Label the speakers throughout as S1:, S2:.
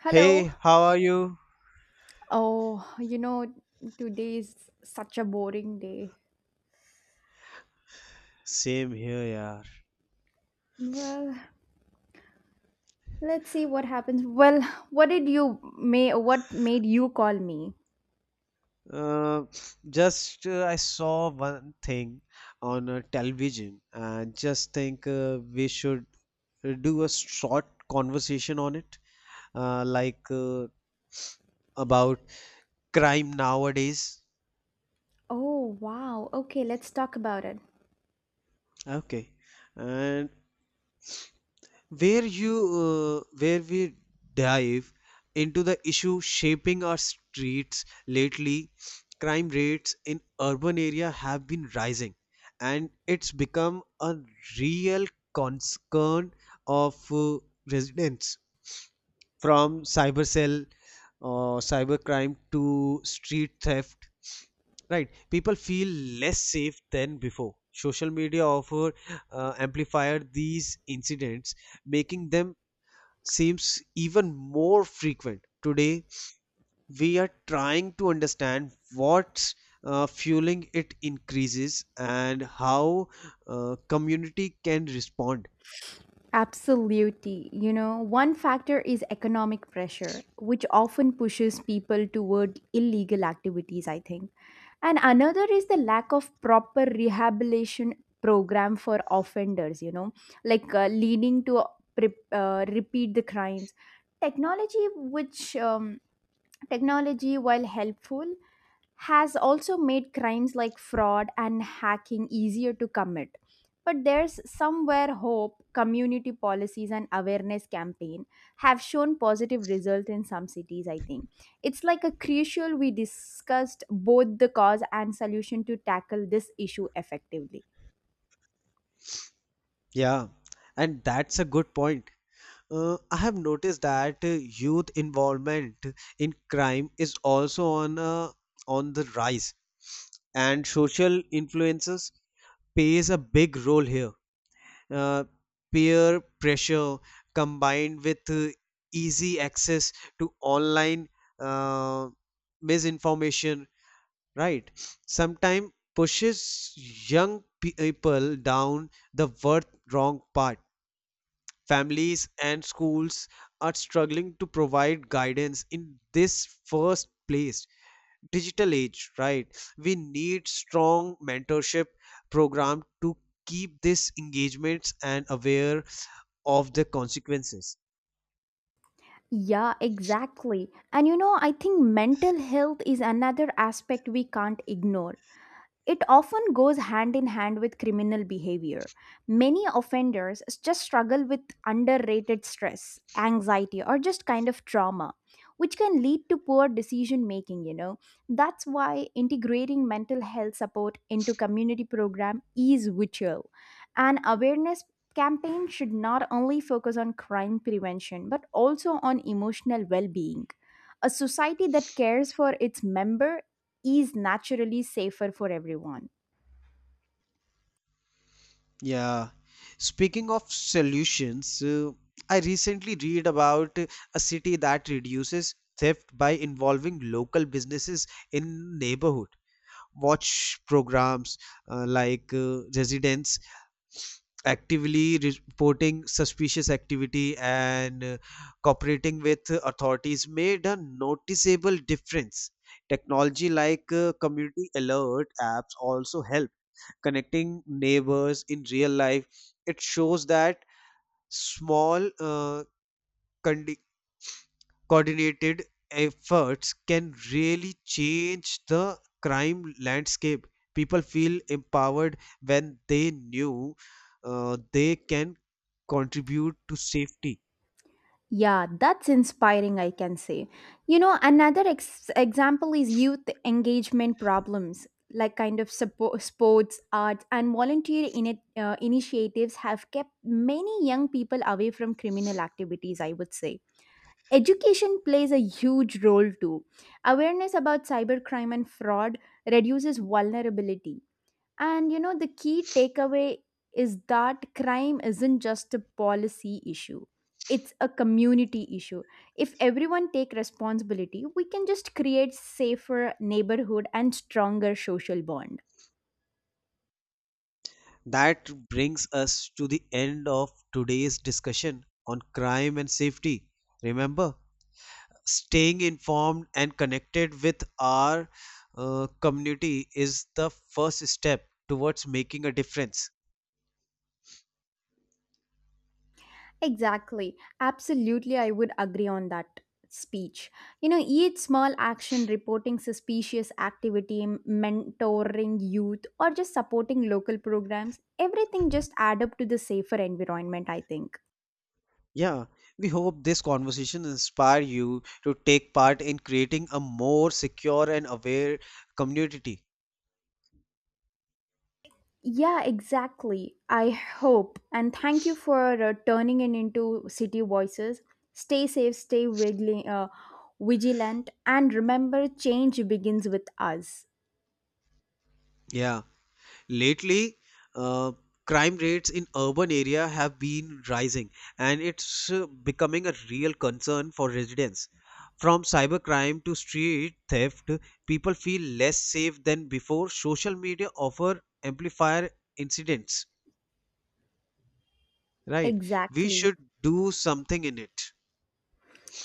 S1: Hello.
S2: Hey, how are you?
S1: Oh, you know, today is such a boring day.
S2: Same here, yeah.
S1: Well, let's see what happens. Well, what did you may what made you call me?
S2: Uh, just I saw one thing on television and just think we should do a short conversation on it, like about crime nowadays.
S1: Oh, wow. Okay, let's talk about it.
S2: Okay. And where you where we dive into the issue shaping our streets lately. Crime rates in urban area have been rising, and it's become a real concern of residents, from cyber cell or cyber crime to street theft. Right, people feel less safe than before. Social media offer amplified these incidents, making them seems even more frequent. Today, we are trying to understand what's fueling it increases and how community can respond.
S1: Absolutely. You know, one factor is economic pressure, which often pushes people toward illegal activities, I think. And another is the lack of proper rehabilitation program for offenders, you know, leading to repeat the crimes. Technology, which um, Technology, while helpful, has also made crimes like fraud and hacking easier to commit. But there's somewhere hope community policies and awareness campaign have shown positive results in some cities, I think. It's like a crucial we discussed both the cause and solution to tackle this issue effectively.
S2: Yeah, and that's a good point. I have noticed that youth involvement in crime is also on the rise, and social influences plays a big role here. Uh, peer pressure combined with easy access to online uh, misinformation, right, sometimes pushes young people down the worth wrong path. Families and schools are struggling to provide guidance in this first place digital age, right, we need strong mentorship program to keep this engagements and aware of the consequences.
S1: Yeah, exactly. And you know, I think mental health is another aspect we can't ignore. It often goes hand in hand with criminal behavior. Many offenders just struggle with underrated stress, anxiety, or just kind of trauma, which can lead to poor decision making, you know. That's why integrating mental health support into community program is vital. An awareness campaign should not only focus on crime prevention but also on emotional well-being. A society that cares for its member is naturally safer for everyone.
S2: Yeah. Speaking of solutions, I recently read about a city that reduces theft by involving local businesses in neighborhood. Watch programs, like, residents actively reporting suspicious activity and cooperating with authorities made a noticeable difference. Technology like community alert apps also help connecting neighbors in real life. It shows that small, condi- coordinated efforts can really change the crime landscape. People feel empowered when they knew they can contribute to safety.
S1: Yeah, that's inspiring, I can say. You know, example is youth engagement problems, like kind of sports, arts, and volunteer initiatives have kept many young people away from criminal activities, I would say. Education plays a huge role too. Awareness about cybercrime and fraud reduces vulnerability. And you know, the key takeaway is that crime isn't just a policy issue, it's a community issue. If everyone take responsibility, we can just create safer neighborhood and stronger social bond.
S2: That brings us to the end of today's discussion on crime and safety. Remember, staying informed and connected with our community is the first step towards making a difference.
S1: Exactly. Absolutely, I would agree on that speech. You know, each small action reporting suspicious activity, mentoring youth, or just supporting local programs, everything just add up to the safer environment, I think.
S2: Yeah, we hope this conversation inspire you to take part in creating a more secure and aware community.
S1: Yeah, exactly. I hope. And thank you for turning it into City Voices. Stay safe, vigilant, and remember change begins with us.
S2: Yeah. Lately, uh, crime rates in urban area have been rising, and it's becoming a real concern for residents. From cybercrime to street theft, people feel less safe than before. Social media offer amplifier incidents. Right? We
S1: Exactly.
S2: should do something in it.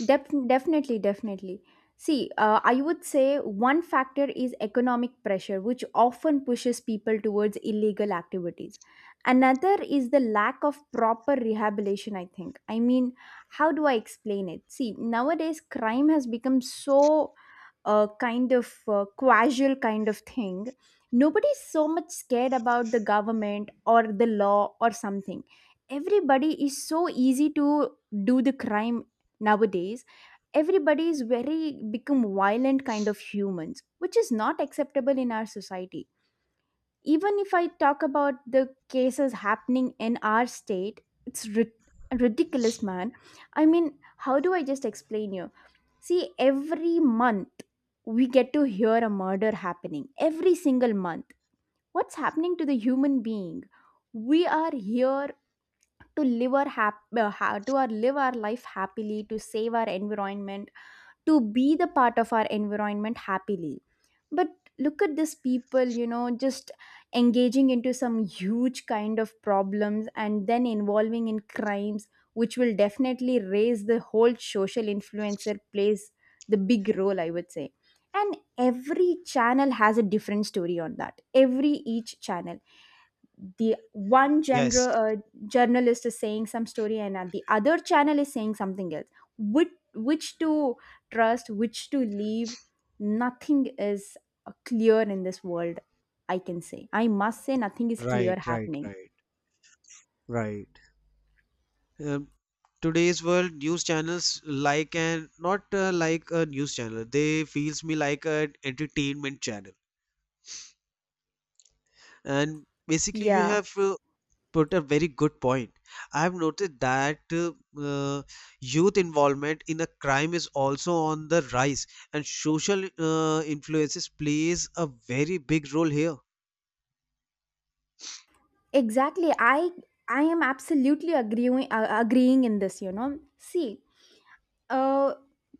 S1: Definitely, definitely. See, I would say one factor is economic pressure, which often pushes people towards illegal activities. Another is the lack of proper rehabilitation, I think. I mean, how do I explain it? See, nowadays crime has become so kind of casual kind of thing. Nobody's so much scared about the government or the law or something. Everybody is so easy to do the crime nowadays. Everybody is very become violent kind of humans, which is not acceptable in our society. Even if I talk about the cases happening in our state, it's ridiculous, man. I mean, how do I just explain you? See, every month we get to hear a murder happening every single month. What's happening to the human being? We are here to live our life happily, to save our environment, to be the part of our environment happily. But look at these people, you know, just engaging into some huge kind of problems and then involving in crimes, which will definitely raise the whole social influencer plays the big role, I would say. And every channel has a different story on that. Every each channel, the one
S2: Yes.
S1: general journalist is saying some story, and the other channel is saying something else. Which to trust, which to leave? Nothing is clear in this world, I can say, I must say. Nothing is
S2: Right.
S1: clear
S2: Right.
S1: happening.
S2: Right. Right. Um, today's world news channels, like, and not like a news channel, they feels me like an entertainment channel. And basically you
S1: Yeah,
S2: have put a very good point. I have noted that uh, youth involvement in a crime is also on the rise, and social influences plays a very big role here.
S1: exactly. I am absolutely agreeing in this, you know. See, uh,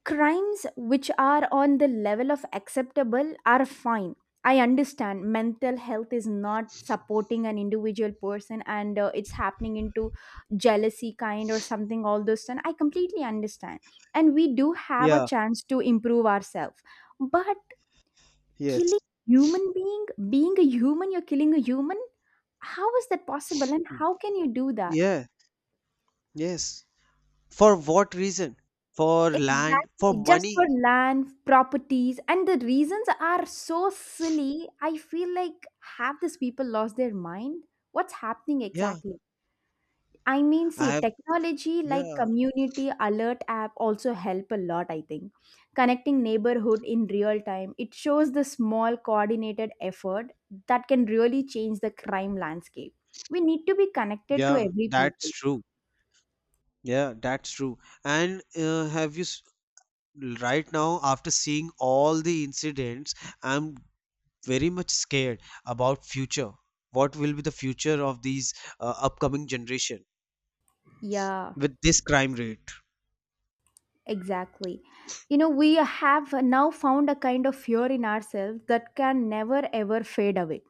S1: crimes which are on the level of acceptable are fine. I understand mental health is not supporting an individual person, and it's happening into jealousy kind or something, all those things I completely understand. And we do have a
S2: Yeah,
S1: chance to improve ourselves. But
S2: yes,
S1: killing human being, being a human, you're killing a human. How is that possible, and how can you do that?
S2: yeah, yes. For what reason? For land, for
S1: Exactly, just for
S2: money.
S1: land, properties, and the reasons are so silly. I feel like have these people lost their mind? What's happening
S2: Yeah,
S1: exactly? I mean,
S2: I
S1: see,
S2: have.
S1: technology like
S2: Yeah.
S1: community alert app also help a lot, I think. Connecting neighborhood in real time, it shows the small coordinated effort that can really change the crime landscape. We need to be connected to
S2: Yeah,
S1: every
S2: that's
S1: people.
S2: true. Yeah, that's true. And have you s- Right now, after seeing all the incidents, I'm very much scared about future. What will be the future of these upcoming generation
S1: Yeah.
S2: with this crime rate?
S1: Exactly. You know, we have now found a kind of fear in ourselves that can never ever fade away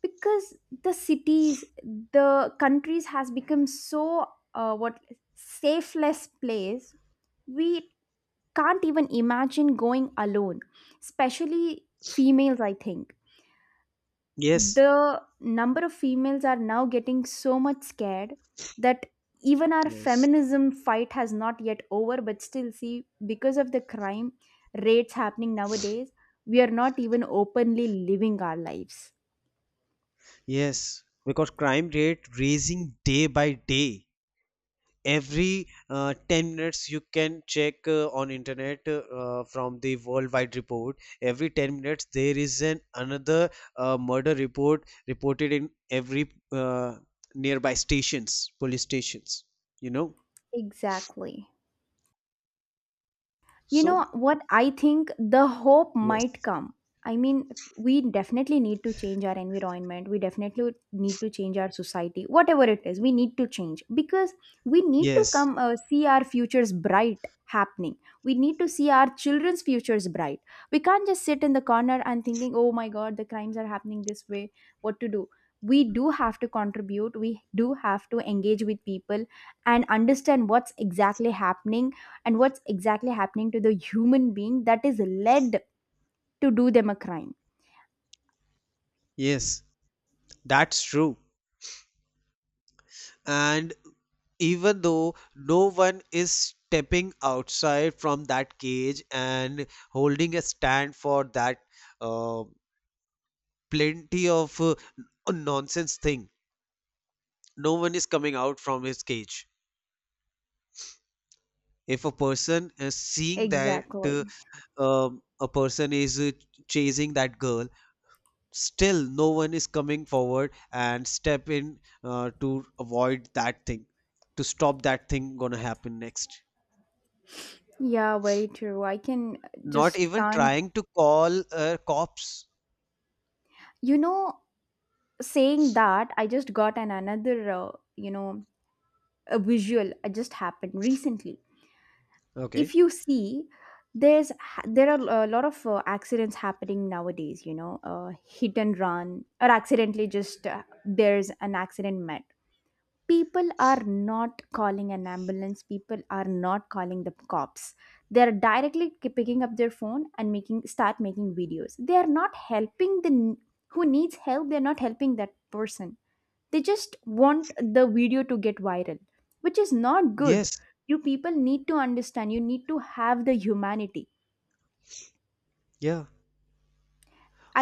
S1: because the cities, the countries has become so what safeless place. We can't even imagine going alone, especially females. I think
S2: Yes,
S1: the number of females are now getting so much scared that even our
S2: yes,
S1: feminism fight has not yet over, but still see, because of the crime rates happening nowadays, we are not even openly living our lives.
S2: yes. Because crime rate raising day by day. Every 10 minutes you can check on internet, from the worldwide report. Every 10 minutes there is an another murder report reported in every nearby stations, police stations you know
S1: Exactly. You
S2: so
S1: know what I think, the hope might
S2: yes,
S1: come. I mean, we definitely need to change our environment, we definitely need to change our society, whatever it is, we need to change, because we need to
S2: yes,
S1: come see our futures bright happening. We need to see our children's futures bright. We can't just sit in the corner and thinking, oh my god, the crimes are happening this way, what to do? We do have to contribute, we do have to engage with people and understand what's exactly happening, and what's exactly happening to the human being that is led to do them a crime.
S2: yes, that's true. And even though no one is stepping outside from that cage and holding a stand for that, uh, plenty of nonsense thing. No one is coming out from his cage. If a person is seeing that
S1: Exactly.
S2: a person is chasing that girl, still no one is coming forward and step in to avoid that thing, to stop that thing gonna happen next.
S1: Yeah, very true, I can
S2: Not
S1: just
S2: even
S1: can't,
S2: trying to call cops.
S1: you know, saying that I just got an another you know, a visual, it just happened recently.
S2: Okay.
S1: If you see, there are a lot of accidents happening nowadays, you know, hit and run, or accidentally just there's an accident met. People are not calling an ambulance, people are not calling the cops. They're directly picking up their phone and making start making videos. They are not helping the who needs help, they're not helping that person. They just want the video to get viral, which is not good.
S2: Yes.
S1: You people need to understand, you need to have the humanity.
S2: Yeah.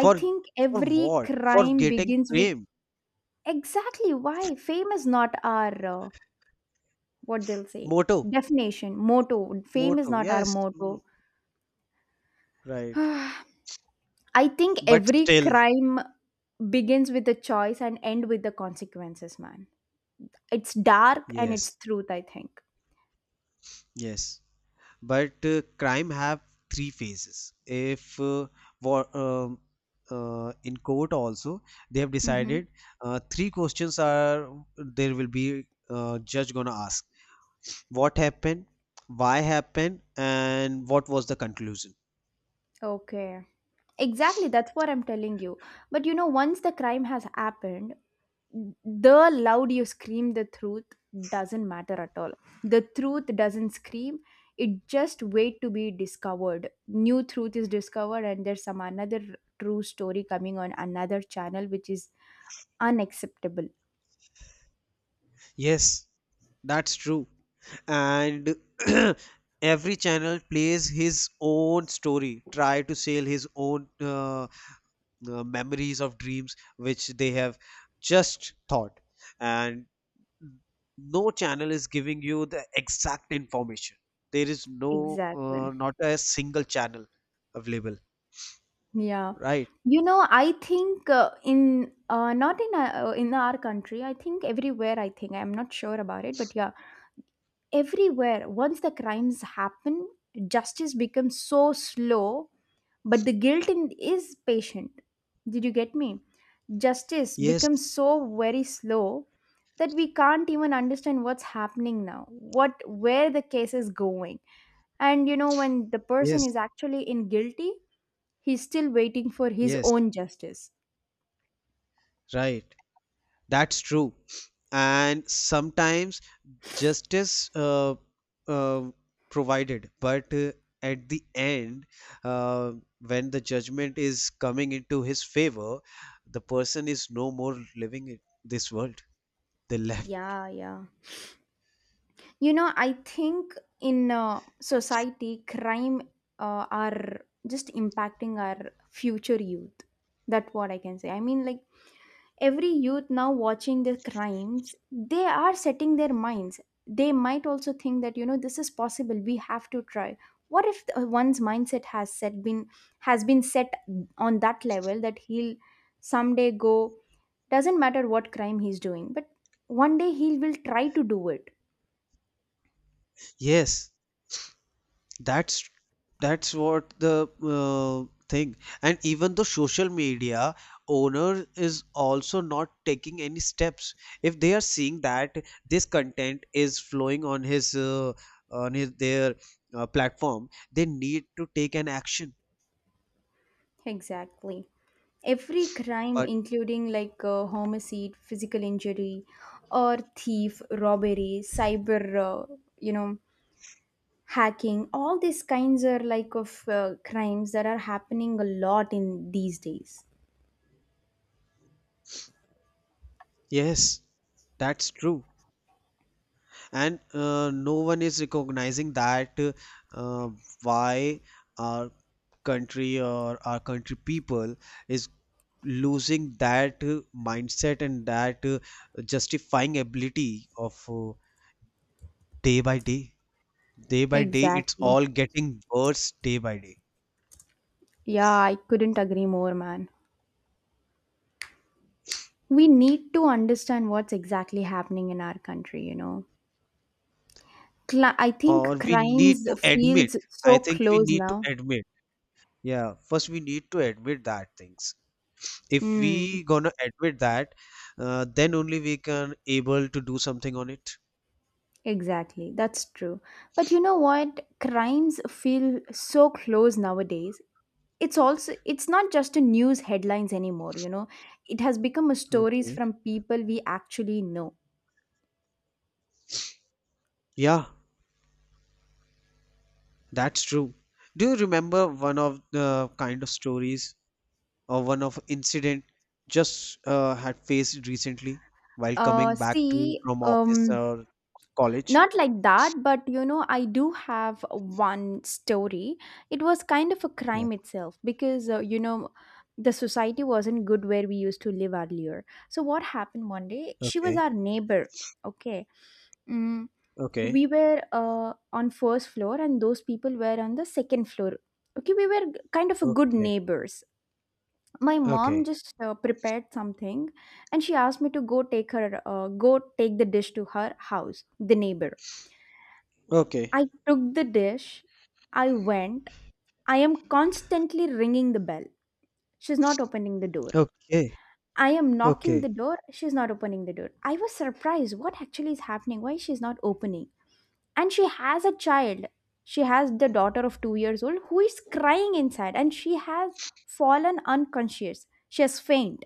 S1: I think
S2: for
S1: every
S2: what? For
S1: crime
S2: getting
S1: begins with,
S2: fame.
S1: exactly, why fame is not our what they'll say
S2: Moto.
S1: definition motto. Fame is
S2: Moto.
S1: not our
S2: Yes. Mm.
S1: motto.
S2: Right.
S1: I think
S2: But
S1: every
S2: still,
S1: crime begins with a choice and end with the consequences, man. It's dark and it's
S2: yes,
S1: truth, I think.
S2: yes. But crime have three phases. If war, in court also, they have
S1: Mm-hmm.
S2: decided three questions are there will be judge gonna ask, what happened, why happened, and what was the conclusion.
S1: Okay, exactly, that's what I'm telling you. But you know, once the crime has happened, the loud you scream, the truth doesn't matter at all. The truth doesn't scream, it just wait to be discovered. New truth is discovered, and there's some another true story coming on another channel, which is unacceptable.
S2: Yes, that's true. And every channel plays his own story, try to sell his own memories of dreams which they have just thought. And no channel is giving you the exact information. There is no
S1: Exactly.
S2: not a single channel available.
S1: Yeah.
S2: Right?
S1: You know, I think in not in our country, I think everywhere, I think I'm not sure about it, but yeah, everywhere once the crimes happen, justice becomes so slow, but the guilt in, is patient. Did you get me? Justice becomes
S2: Yes,
S1: so very slow that we can't even understand what's happening now, what, where the case is going. And you know, when the person
S2: yes,
S1: is actually in guilty, he's still waiting for his
S2: yes,
S1: own justice.
S2: right. That's true. And sometimes justice uh, provided, but at the end, uh, when the judgment is coming into his favor, the person is no more living in this world. They left.
S1: Yeah, yeah. You know, I think in society, crime are just impacting our future youth. That's what I can say. I mean, like every youth now watching the crimes, they are setting their minds. They might also think that, you know, this is possible, we have to try. What if one's mindset has set been has been set on that level that he'll someday go, doesn't matter what crime he's doing, but one day he will try to do it.
S2: Yes. That's that's what the thing. And even the social media owner is also not taking any steps. If they are seeing that this content is flowing on his their platform, they need to take an action.
S1: Exactly. Every crime,
S2: But
S1: including like homicide, physical injury, or thief, robbery, cyber, you know, hacking, all these kinds are like of crimes that are happening a lot in these days.
S2: yes, that's true. And no one is recognizing that uh, why our country or our country people is losing that mindset and that justifying ability of, day by day, day by day. It's
S1: Exactly.
S2: all getting worse day by day.
S1: Yeah, I couldn't agree more, man. We need to understand what's exactly happening in our country, you know. Cli I
S2: Or
S1: think
S2: we need
S1: crimes
S2: to admit,
S1: feels
S2: I
S1: so
S2: think we
S1: close
S2: need to
S1: now.
S2: admit, yeah, first we need to admit that things. If
S1: Mm.
S2: we gonna admit that, then only we can able to do something on it.
S1: Exactly, that's true. But you know what, crimes feel so close nowadays. It's not just a news headlines anymore, you know. It has become a stories
S2: Okay,
S1: from people we actually know.
S2: yeah. That's true. Do you remember one of the kind of stories or one of incident just had faced recently while
S1: Uh,
S2: coming back to
S1: see,
S2: from office
S1: um,
S2: or college?
S1: not like that, but you know, I do have one story. It was kind of a
S2: Yeah.
S1: crime itself because, you know, the society wasn't good where we used to live earlier. So what happened one day? She was
S2: Okay.
S1: our neighbor, okay? Mm,
S2: Okay.
S1: we were on first floor, and those people were on the second floor. Okay, we were kind of a good
S2: Okay.
S1: neighbors. My mom
S2: Okay.
S1: just prepared something, and she asked me to go take her go take the dish to her house, the neighbor. I
S2: Okay.
S1: took the dish, I went. I am constantly ringing the bell, she's not opening the door.
S2: Okay.
S1: I am knocking the
S2: Okay.
S1: door, she's not opening the door. I was surprised what actually is happening, why she's not opening. And she has a child. She has the daughter of 2 years old who is crying inside, and she has fallen unconscious, she has faint.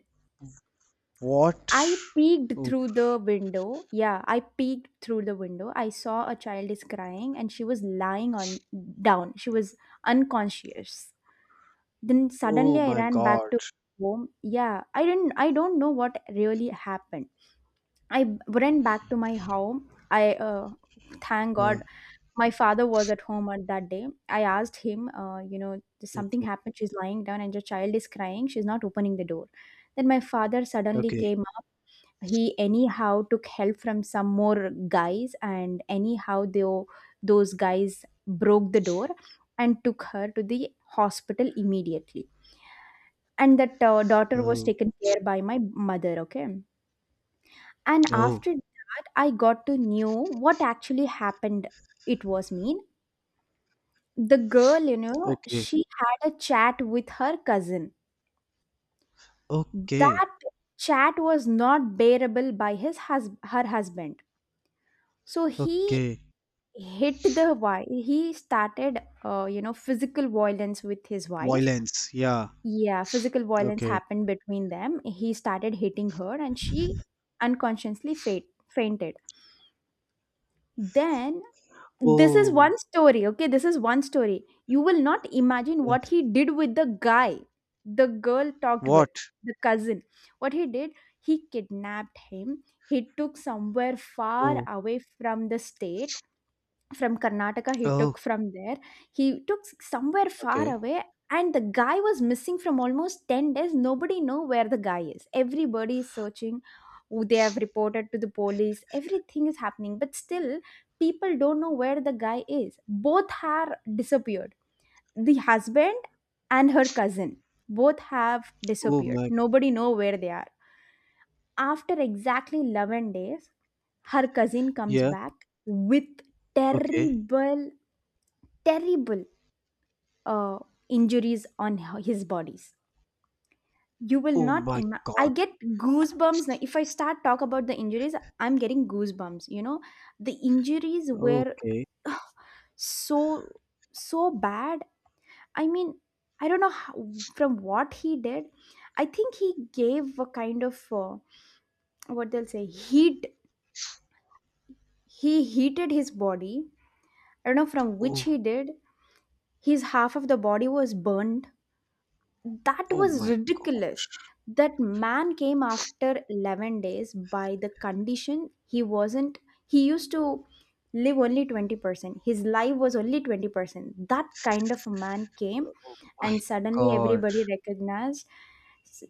S2: What?
S1: I peeked
S2: Oh,
S1: through the window. Yeah, I peeked through the window. I saw a child is crying and she was lying on down, she was unconscious. Then
S2: oh
S1: suddenly I
S2: my
S1: ran
S2: God.
S1: back to home. Yeah, I don't know what really happened. I ran back to my home. I thank
S2: Yeah.
S1: god, my father was at home on that day. I asked him, you know, something
S2: Okay.
S1: happened. She's lying down and your child is crying. She's not opening the door. Then my father suddenly
S2: Okay.
S1: came up. He anyhow took help from some more guys, and anyhow those guys broke the door and took her to the hospital immediately. And that daughter was
S2: Oh.
S1: taken care by my mother. Okay, and
S2: Oh.
S1: after that, I got to know what actually happened. It was mean, the girl, you know,
S2: Okay.
S1: she had a chat with her cousin.
S2: Okay.
S1: That chat was not bearable by her husband. So he
S2: Okay.
S1: hit the wife. He started, you know, physical violence with his wife.
S2: Violence. Yeah.
S1: Yeah, physical violence
S2: Okay.
S1: happened between them. He started hitting her, and she unconsciously fainted. Then this is
S2: Oh.
S1: one story. Okay, this is one story, you will not imagine what
S2: Yes.
S1: he did with the guy the girl talked with,
S2: What?
S1: the cousin. What he did, he kidnapped him, he took somewhere far
S2: Oh,
S1: away from the state, from Karnataka he
S2: oh,
S1: took from there. He took somewhere far
S2: okay.
S1: away, and the guy was missing from almost 10 days. Nobody know where the guy is. Everybody is searching. Who They have reported to the police. Everything is happening. But still, people don't know where the guy is. Both are disappeared. The husband and her cousin, both have
S2: Oh
S1: disappeared.
S2: my,
S1: Nobody know where they are. After exactly 11 days, her cousin comes
S2: yeah,
S1: back with
S2: okay.
S1: terrible, terrible uh, injuries on his bodies. You will
S2: Oh
S1: not,
S2: my
S1: I
S2: God.
S1: get goosebumps now if I start talk about the injuries. I'm getting goosebumps, you know, the injuries were
S2: Okay.
S1: so, so bad. I mean, I don't know how, from what he did. I think he gave a kind of what they'll say heat. He heated his body. I don't know from which
S2: Oh,
S1: he did. His half of the body was burned. That
S2: oh
S1: was
S2: my God.
S1: ridiculous. That man came after 11 days. By the condition he wasn't, he used to live only 20%. His life was only 20%. That kind of a man came,
S2: Oh my
S1: and suddenly
S2: God.
S1: everybody recognized, s-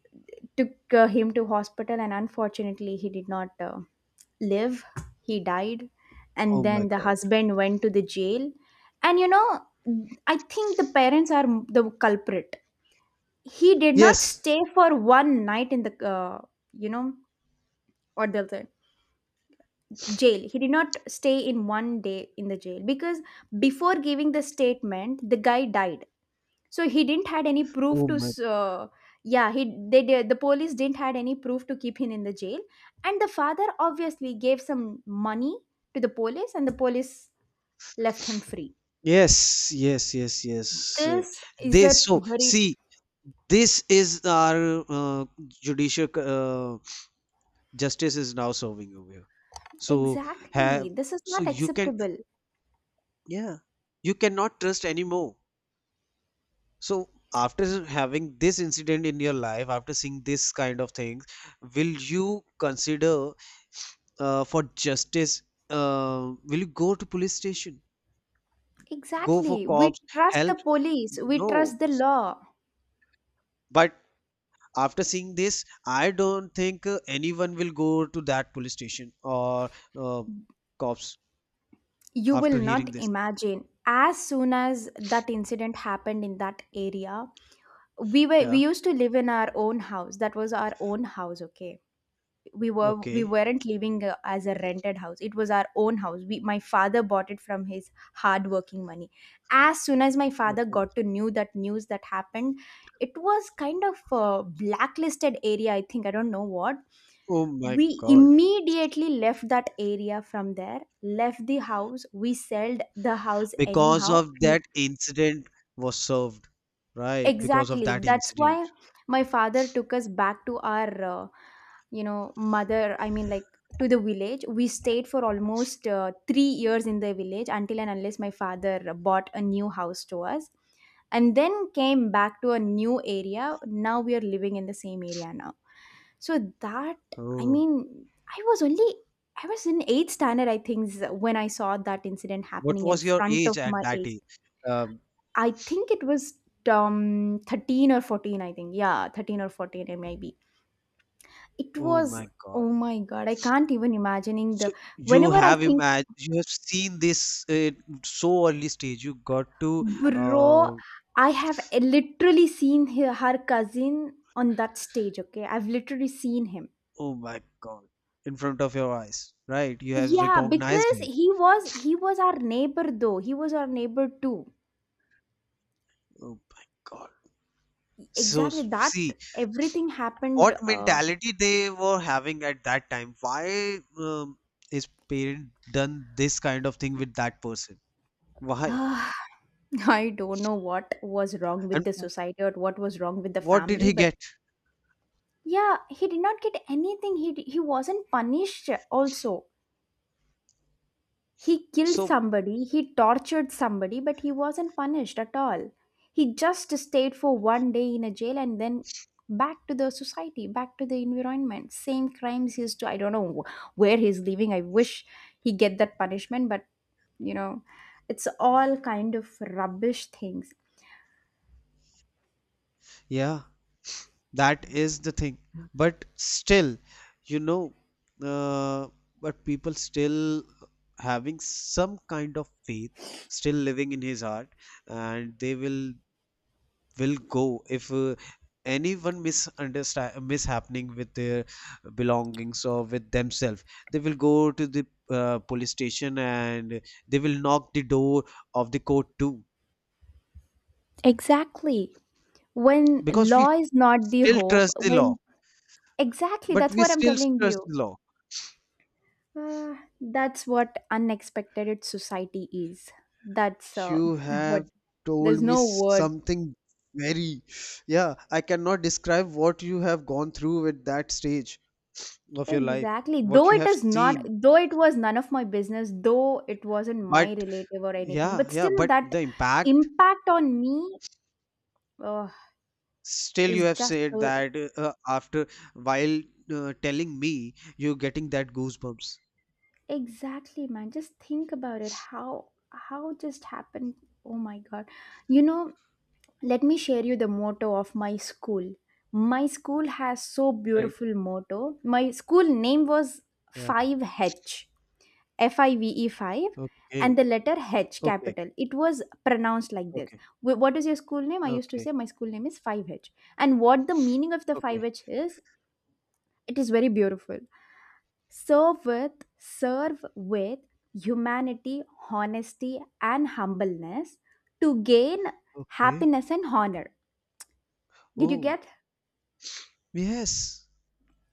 S1: took him to hospital, and unfortunately he did not live. He died.
S2: Oh
S1: And
S2: my
S1: then the
S2: God.
S1: husband went to the jail. And you know, I think the parents are the culprit. He did not
S2: Yes.
S1: stay for one night in the you know, or the other jail. He did not stay in one day in the jail because before giving the statement the guy died. So he didn't had any proof
S2: Oh
S1: to
S2: my.
S1: yeah, he, they did, the police didn't had any proof to keep him in the jail. And the father obviously gave some money to the police, and the police left him free.
S2: Yes, yes, yes, yes.
S1: This is
S2: They
S1: a
S2: so
S1: very,
S2: see. This is our judicial justice is now serving over here. So have
S1: exactly this is
S2: so
S1: not
S2: you can,
S1: acceptable.
S2: yeah, you cannot trust anymore. So after having this incident in your life, after seeing this kind of things, will you consider for justice? Will you go to police station? Go for
S1: Exactly. We
S2: cops
S1: trust
S2: help?
S1: the police, we
S2: No.
S1: trust the law.
S2: But after seeing this, I don't think anyone will go to that police station or uh, cops
S1: You will
S2: after hearing
S1: not
S2: this.
S1: imagine. As soon as that incident happened in that area, we
S2: Yeah.
S1: used to live in our own house. That was our own house, okay? We
S2: Okay.
S1: weren't living as a rented house. It was our own house. We My father bought it from his hard working money. As soon as my father
S2: Okay.
S1: got to knew that news that happened, it was kind of a blacklisted area, I think. I don't know what,
S2: Oh my
S1: we
S2: God.
S1: immediately left that area from there, left the house, we sold the house
S2: Because
S1: anyhow.
S2: of that incident was served. Right, because of
S1: Exactly,
S2: that
S1: that's
S2: incident.
S1: why my father took us back to our you know, mother, I mean, like, to the village. We stayed for almost 3 years in the village until and unless my father bought a new house to us, and then came back to a new area. Now we are living in the same area now. So that, I
S2: Oh,
S1: mean, I was only, I was in eighth standard, I think, when I saw that incident
S2: what
S1: happening in
S2: was your
S1: front of
S2: age at
S1: my
S2: that
S1: eyes.
S2: age? Um,
S1: I think it was 13 or 14, I think. Yeah, 13 or 14, it may be. It
S2: oh
S1: was,
S2: my God.
S1: oh my God, I can't even imagining
S2: So
S1: the,
S2: you
S1: whenever I
S2: have
S1: think,
S2: imagined, you have seen this at so early stage. You got to,
S1: bro,
S2: uh,
S1: I have literally seen her, her cousin on that stage, okay? I've literally seen him.
S2: oh my God, in front of your eyes, right? You have
S1: Yeah,
S2: recognized
S1: because
S2: him.
S1: he was our neighbor though. He was our neighbor too.
S2: Oh my God. So
S1: Exactly,
S2: s-
S1: that
S2: see
S1: everything
S2: what
S1: happened
S2: mentality they were having at that time. Why, his parent done this kind of thing with that person? Why?
S1: I don't know what was wrong with
S2: And
S1: the society or what was wrong with the
S2: what did
S1: family,
S2: he
S1: but
S2: get?
S1: yeah, he did not get anything. He wasn't punished also. He killed
S2: So,
S1: somebody, he tortured somebody, but he wasn't punished at all. He just stayed for one day in a jail and then back to the society, back to the environment. Same crimes he used to. I don't know where he's living. I wish he get that punishment, but you know, it's all kind of rubbish things.
S2: yeah, that is the thing. But still, you know, uh, but people still having some kind of faith, still living in his heart, and they will go if anyone misunderstand mishappening with their belongings or with themselves. They will go to the police station and they will knock the door of the court too,
S1: Exactly. When
S2: because we
S1: law is not the
S2: still
S1: hope,
S2: trust the law,
S1: when, exactly
S2: but
S1: that's
S2: we
S1: what I'm
S2: still
S1: telling
S2: trust
S1: you.
S2: the law.
S1: Uh, that's what unexpected society is. That's
S2: You
S1: what,
S2: have told
S1: there's
S2: me
S1: no word.
S2: something very, yeah, I cannot describe what you have gone through at that stage of your life,
S1: Exactly.
S2: what
S1: Though
S2: you
S1: it
S2: have
S1: is not,
S2: seen.
S1: though it was none of my business, though it wasn't
S2: But
S1: my relative or anything,
S2: yeah,
S1: but
S2: yeah,
S1: still
S2: but
S1: that
S2: the impact,
S1: impact on me uh,
S2: still you
S1: is
S2: have
S1: just
S2: said
S1: so,
S2: that after while telling me, you're getting that goosebumps,
S1: exactly, man. Just think about it. How just happened? Oh my God! You know, let me share you the motto of my school. My school has so
S2: right?
S1: beautiful motto. My school name was
S2: Yeah.
S1: 5H, Five H, Five 5, and
S2: Okay.
S1: the letter h
S2: Okay.
S1: capital it was pronounced like this.
S2: Okay.
S1: What is your school name? I used to
S2: Okay.
S1: say my school name is 5H. And what the meaning of the
S2: Okay.
S1: 5H is, it is very beautiful. Serve with serve with humanity, honesty and humbleness, to gain
S2: Okay.
S1: happiness and honor. Did you
S2: Oh,
S1: get?
S2: yes.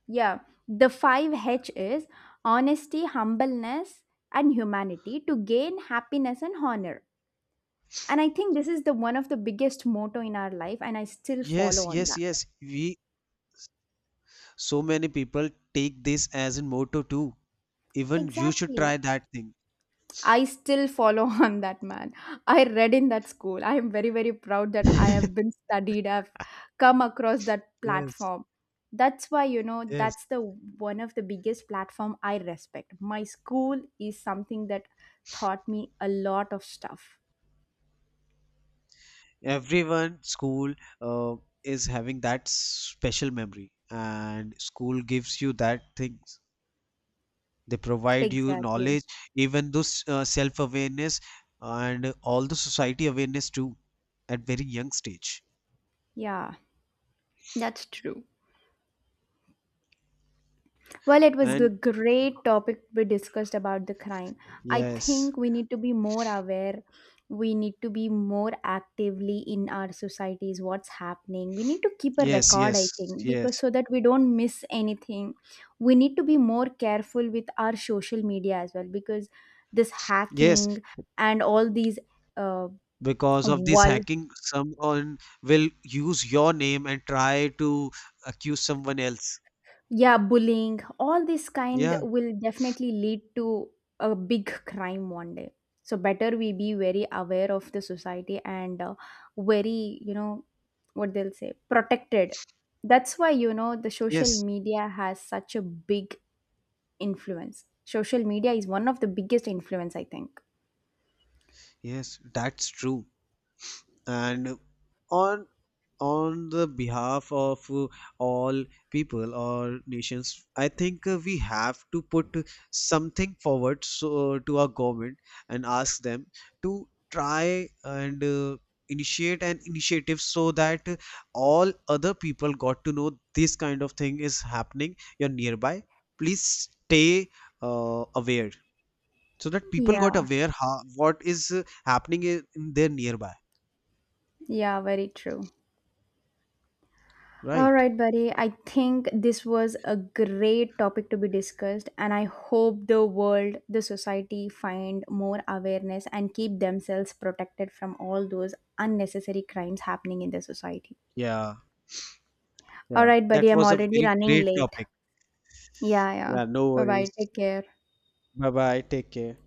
S1: Yeah, the 5H is honesty, humbleness, and humanity to gain happiness and honor. And I think this is the one of the biggest motto in our life, and I still
S2: Yes,
S1: follow on
S2: yes,
S1: that.
S2: yes. We. So many people take this as a motto too. Even you should
S1: Exactly.
S2: try that thing.
S1: I still follow on that, man. I read in that school. I am very, very proud that I have been studied, I've come across that
S2: Yes,
S1: platform. That's why, you know,
S2: yes.
S1: that's the one of the biggest platform I respect. My school is something that taught me a lot of stuff.
S2: Everyone school uh, is having that special memory, and school gives you that things. They provide you
S1: Exactly.
S2: knowledge, even those self-awareness and all the society awareness too, at very young stage.
S1: Yeah. True. Well, it was a
S2: And
S1: great topic we discussed about the crime. I
S2: yes,
S1: think we need to be more aware. We need to be more actively in our societies what's happening. We need to keep a
S2: yes,
S1: record,
S2: yes,
S1: I think, because
S2: yes,
S1: so that we don't miss anything. We need to be more careful with our social media as well, because this
S2: yes.
S1: hacking and all these uh,
S2: Because of this hacking, someone will use your name and try to accuse someone else.
S1: yeah, bullying, all this kind
S2: Yeah,
S1: will definitely lead to a big crime one day. So better we be very aware of the society and very, you know, what they'll say, protected. That's why, you know, the social
S2: yes,
S1: media has such a big influence. Social media is one of the biggest influence, I think.
S2: yes, that's true. And on on the behalf of all people or nations, I think we have to put something forward, so, to our government and ask them to try and initiate an initiative so that all other people got to know this kind of thing is happening you're nearby. Please stay aware so that people got
S1: Yeah.
S2: aware how, what is happening in their nearby,
S1: Yeah, very true. All
S2: right?
S1: right, buddy. I think this was a great topic to be discussed, and I hope the world, the society find more awareness and keep themselves protected from all those unnecessary crimes happening in the society.
S2: Yeah.
S1: All
S2: Yeah.
S1: right, buddy.
S2: That
S1: I'm
S2: was a
S1: already
S2: very
S1: running
S2: great
S1: late.
S2: topic.
S1: Yeah, yeah.
S2: Yeah. No
S1: Bye bye.
S2: worries.
S1: Take care.
S2: Bye bye. Take care.